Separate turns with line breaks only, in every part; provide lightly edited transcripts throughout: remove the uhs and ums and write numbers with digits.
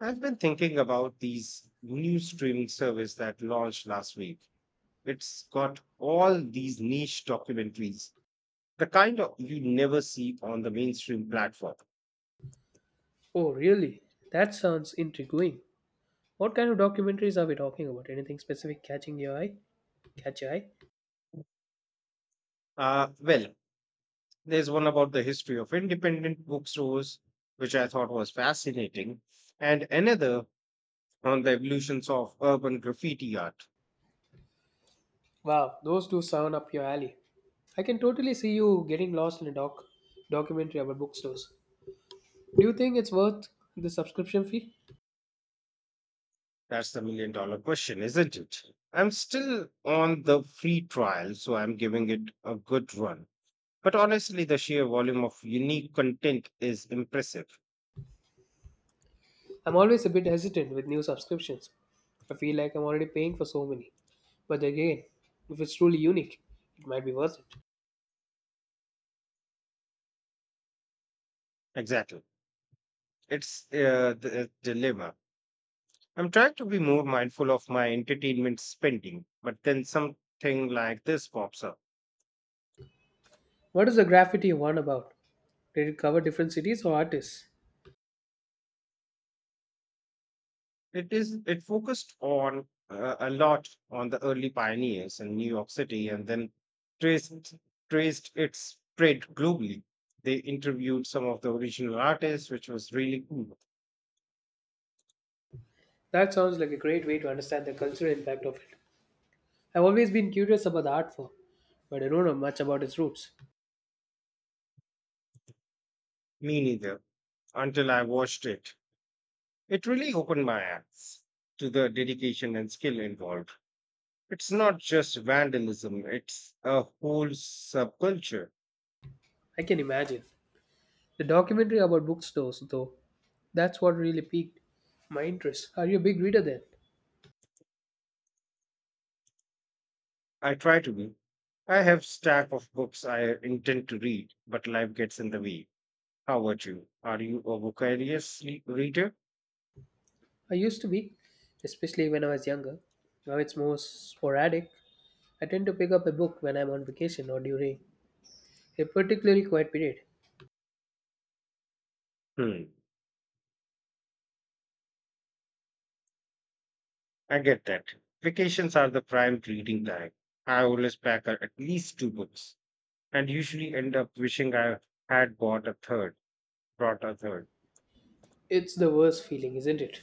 I've been thinking about these new streaming service that launched last week. It's got all these niche documentaries, the kind of you never see on the mainstream platform.
Oh, really? That sounds intriguing. What kind of documentaries are we talking about? Anything specific catching your eye? Catch your eye?
Well, there's one about the history of independent bookstores, which I thought was fascinating, and another on the evolutions of urban graffiti art.
Wow, those do sound up your alley. I can totally see you getting lost in a documentary about bookstores. Do you think it's worth the subscription fee?
That's the $1 million question, isn't it? I'm still on the free trial, so I'm giving it a good run. But honestly, the sheer volume of unique content is impressive.
I'm always a bit hesitant with new subscriptions. I feel like I'm already paying for so many. But again, if it's truly unique, it might be worth it.
Exactly. It's the dilemma. I'm trying to be more mindful of my entertainment spending, but then something like this pops up.
What is the graffiti one about? Did it cover different cities or artists?
It focused on a lot on the early pioneers in New York City and then traced traced its spread globally. They interviewed some of the original artists, which was really cool.
That sounds like a great way to understand the cultural impact of it. I've always been curious about the art form, but I don't know much about its roots.
Me neither, until I watched it. It really opened my eyes to the dedication and skill involved. It's not just vandalism, it's a whole subculture.
I can imagine. The documentary about bookstores, though, that's what really piqued my interest. Are you a big reader then?
I try to be. I have stack of books I intend to read, but life gets in the way. How about you? Are you a voracious reader?
I used to be, especially when I was younger. Now it's more sporadic. I tend to pick up a book when I'm on vacation or during a particularly quiet period.
Hmm, I get that. Vacations are the prime reading time. I always pack at least 2 books and usually end up wishing I had bought a third, brought a third.
It's the worst feeling, isn't it?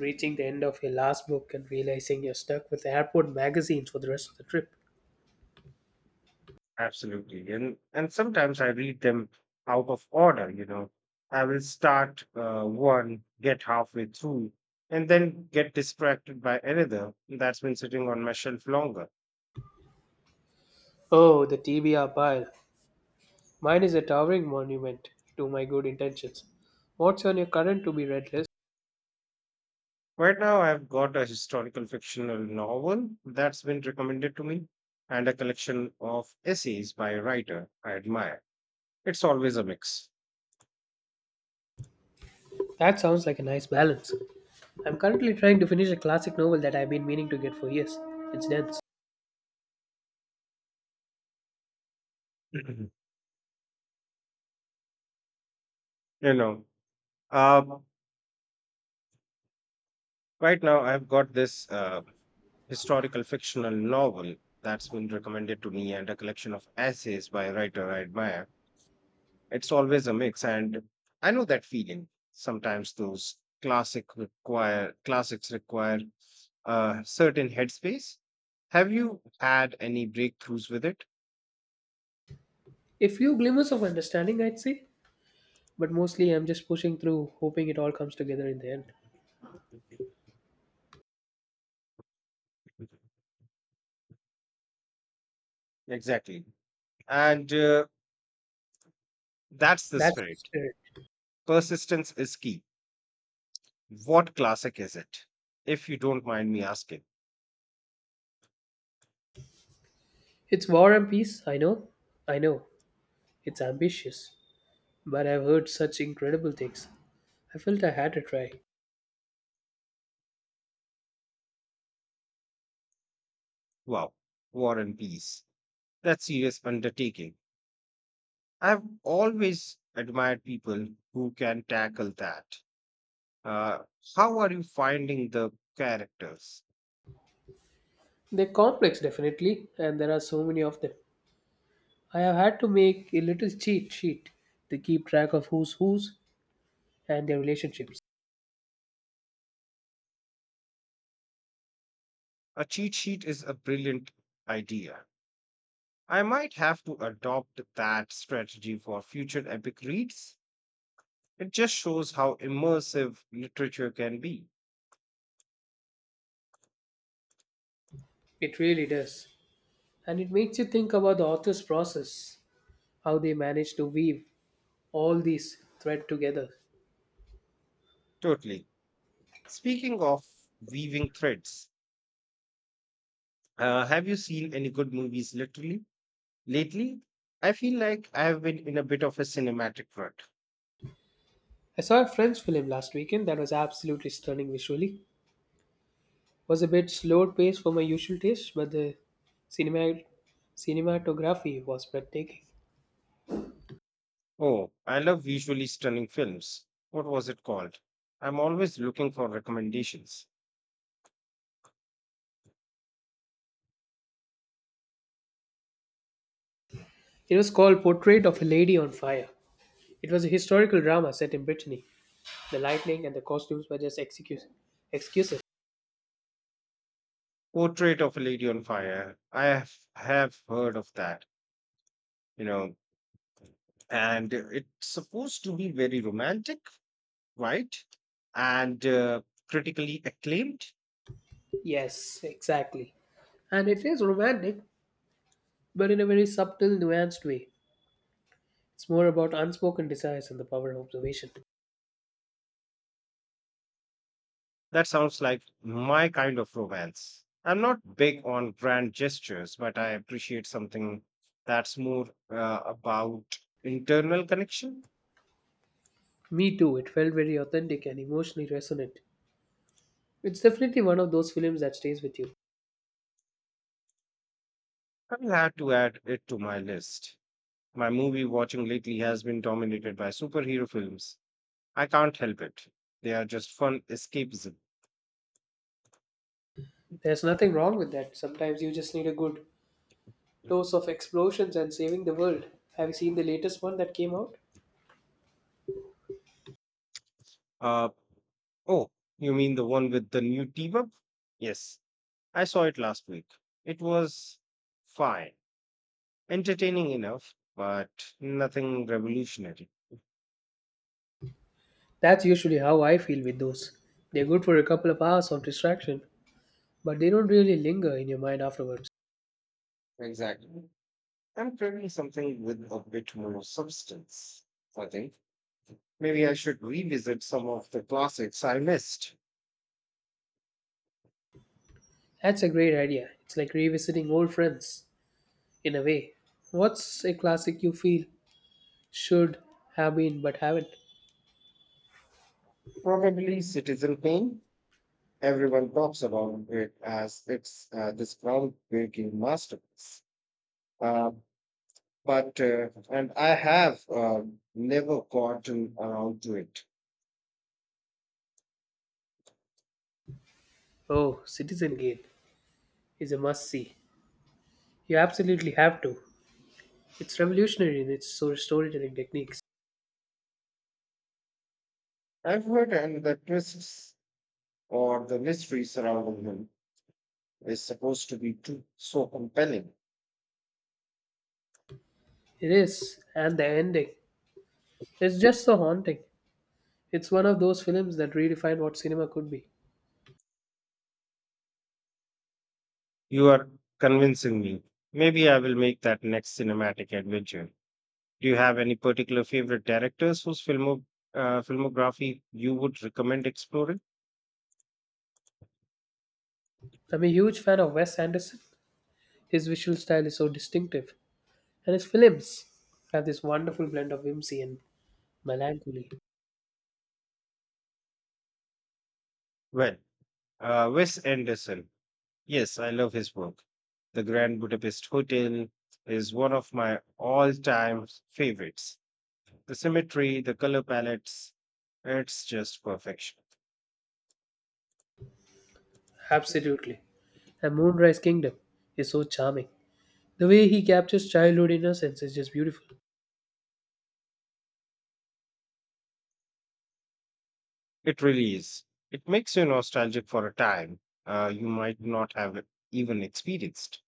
Reaching the end of your last book and realizing you're stuck with airport magazines for the rest of the trip.
Absolutely. And sometimes I read them out of order. I will start one, get halfway through, and then get distracted by another that's been sitting on my shelf longer.
Oh, the TBR pile. Mine is a towering monument to my good intentions. What's on your current to be read list?
Right now I've got a historical fictional novel that's been recommended to me and a collection of essays by a writer I admire. It's always a mix.
That sounds like a nice balance. I'm currently trying to finish a classic novel that I've been meaning to get for years. It's dense.
you know. Um right now I've got this historical fictional novel that's been recommended to me and a collection of essays by a writer I admire. It's always a mix, and I know that feeling. Sometimes those classic require classics require a certain headspace. Have you had any breakthroughs with it?
A few glimmers of understanding, I'd say, but mostly I'm just pushing through, hoping it all comes together in the end.
Exactly, and that's the
That's the
spirit.
spirit.
Persistence is key. What classic is it? If you don't mind me asking.
It's War and Peace, I know. I know. It's ambitious, but I've heard such incredible things. I felt I had to try.
Wow, War and Peace. That's serious undertaking. I've always admired people who can tackle that. Uh, how are you finding the characters?
They're complex, definitely, and there are so many of them. I have had to make a little cheat sheet to keep track of who's who's and their relationships.
A cheat sheet is a brilliant idea. I might have to adopt that strategy for future epic reads. It just shows how immersive literature can be.
It really does. And it makes you think about the author's process, how they manage to weave all these threads together.
Totally. Speaking of weaving threads, have you seen any good movies literally lately? I feel like I've been in a bit of a cinematic rut.
I saw a French film last weekend that was absolutely stunning visually. Was a bit slowed pace for my usual taste, but the cinema cinematography was breathtaking.
Oh, I love visually stunning films. What was it called? I'm always looking for recommendations.
It was called Portrait of a Lady on Fire. It was a historical drama set in Brittany. The lightning and the costumes were just excuses.
Portrait of a Lady on Fire. I have heard of that, you know, and it's supposed to be very romantic, right? And Critically acclaimed.
Yes, exactly. And it is romantic, but in a very subtle, nuanced way. It's more about unspoken desires and the power of observation.
That sounds like my kind of romance. I'm not big on grand gestures, but I appreciate something that's more about internal connection.
Me too, it felt very authentic and emotionally resonant. It's definitely one of those films that stays with you.
I'll have to add it to my list. My movie watching lately has been dominated by superhero films. I can't help it. They are just fun escapism.
There's nothing wrong with that. Sometimes you just need a good dose of explosions and saving the world. Have you seen the latest one that came out?
Uh, oh, you mean the one with the new team up? Yes, I saw it last week. It was fine, entertaining enough, but nothing revolutionary.
That's usually how I feel with those. They're good for a couple of hours of distraction, but they don't really linger in your mind afterwards.
Exactly. I'm craving something with a bit more substance. I think maybe I should revisit some of the classics I missed.
That's a great idea. It's like revisiting old friends in a way. What's a classic you feel should have been but haven't?
Probably Citizen Kane. Everyone talks about it as it's this groundbreaking masterpiece. Uh, but and I have never gotten around to it.
Oh, Citizen Kane is a must see. You absolutely have to. It's revolutionary in its storytelling techniques.
I've heard, and the twists or the mystery surrounding him is supposed to be too so compelling.
It is, and the ending. It's just so haunting. It's one of those films that redefine what cinema could be.
You are convincing me. Maybe I will make that next cinematic adventure. Do you have any particular favorite directors whose filmography you would recommend exploring?
I'm a huge fan of Wes Anderson. His visual style is so distinctive, and his films have this wonderful blend of whimsy and melancholy.
Well, Wes Anderson. Yes, I love his work. The Grand Budapest Hotel is one of my all time favorites. The symmetry, the color palettes, it's just perfection.
Absolutely. And Moonrise Kingdom is so charming. The way he captures childhood innocence is just beautiful.
It really is. It makes you nostalgic for a time you might not have even experienced.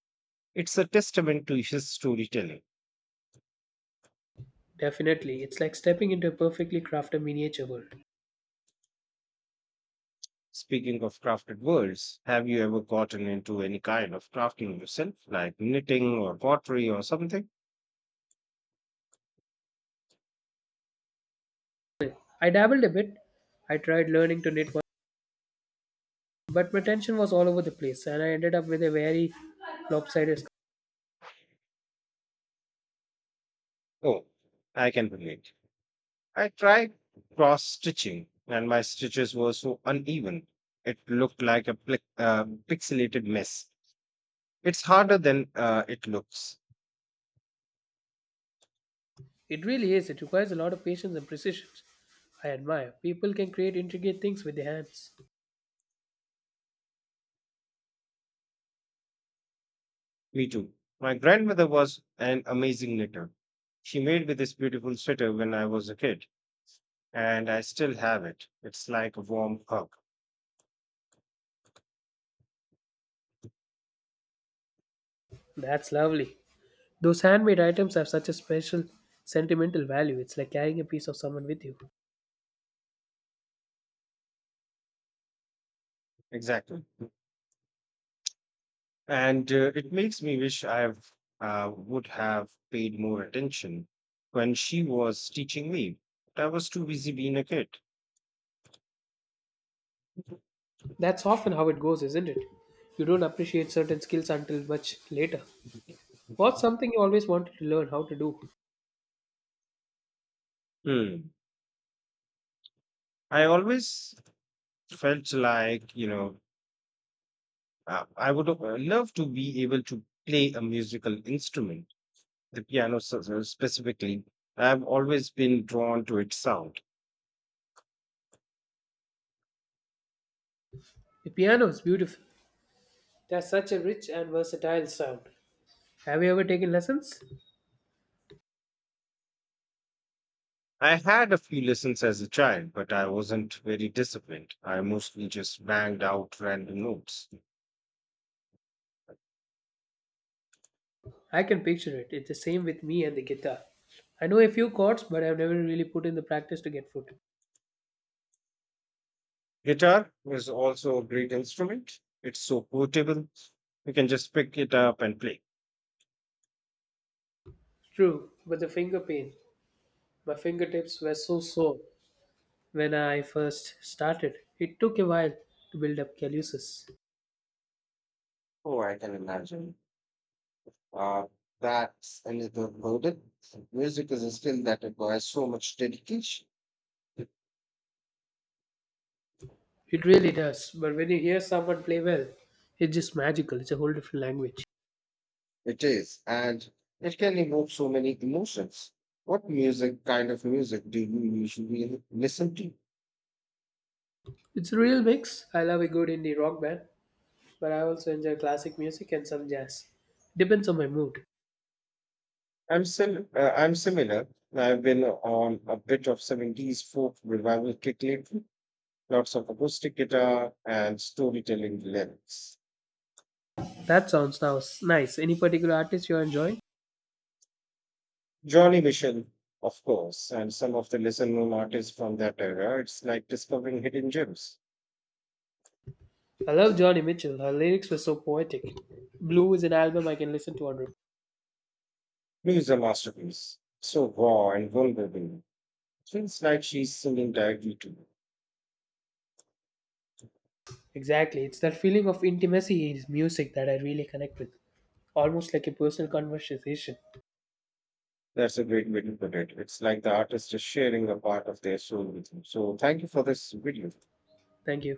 It's a testament to his storytelling.
Definitely, it's like stepping into a perfectly crafted miniature world.
Speaking of crafted worlds, have you ever gotten into any kind of crafting yourself, like knitting or pottery or something?
I dabbled a bit. I tried learning to knit one, but my attention was all over the place, and I ended up with a very lopsided scarf.
Oh, I can relate. I tried cross stitching and my stitches were so uneven. It looked like a pixelated mess. It's harder than it looks.
It really is. It requires a lot of patience and precision. I admire people can create intricate things with their hands.
Me too. My grandmother was an amazing knitter. She made me this beautiful sweater when I was a kid, and I still have it. It's like a warm hug.
That's lovely. Those handmade items have such a special sentimental value. It's like carrying a piece of someone with you.
Exactly. And it makes me wish I would have paid more attention when she was teaching me. But I was too busy being a kid.
That's often how it goes, isn't it? You don't appreciate certain skills until much later. What's something you always wanted to learn how to do?
Hmm. I always felt like I would love to be able to play a musical instrument, the piano specifically. I've always been drawn to its sound.
The piano is beautiful. It has such a rich and versatile sound. Have you ever taken lessons?
I had a few lessons as a child, but I wasn't very disciplined. I mostly just banged out random notes.
I can picture it. It's the same with me and the guitar. I know a few chords, but I've never really put in the practice to get foot.
Guitar is also a great instrument. It's so portable. You can just pick it up and play.
True, but the finger pain. My fingertips were so sore when I first started. It took a while to build up calluses.
Oh, I can imagine. Uh, that's a little loaded. Music is a skill that requires so much dedication.
It really does. But when you hear someone play well, it's just magical. It's a whole different language.
It is, and it can evoke so many emotions. What kind of music do you usually listen to?
It's a real mix. I love a good indie rock band, but I also enjoy classic music and some jazz. Depends on my mood.
I'm similar. I've been on a bit of 70s folk revival kick lately, lots of acoustic guitar and storytelling lyrics.
That sounds now nice. Any particular artist you're enjoying?
Johnny Mitchell, of course, and some of the lesser known artists from that era. It's like discovering hidden gems.
I love Johnny Mitchell. Her lyrics were so poetic. Blue is an album I can listen to on repeat.
Music a masterpiece, so raw and vulnerable. It feels like she's singing directly to you.
Exactly. It's that feeling of intimacy in his music that I really connect with. Almost like a personal conversation.
That's a great way to put it. It's like the artist is sharing a part of their soul with you. So thank you for this video.
Thank you.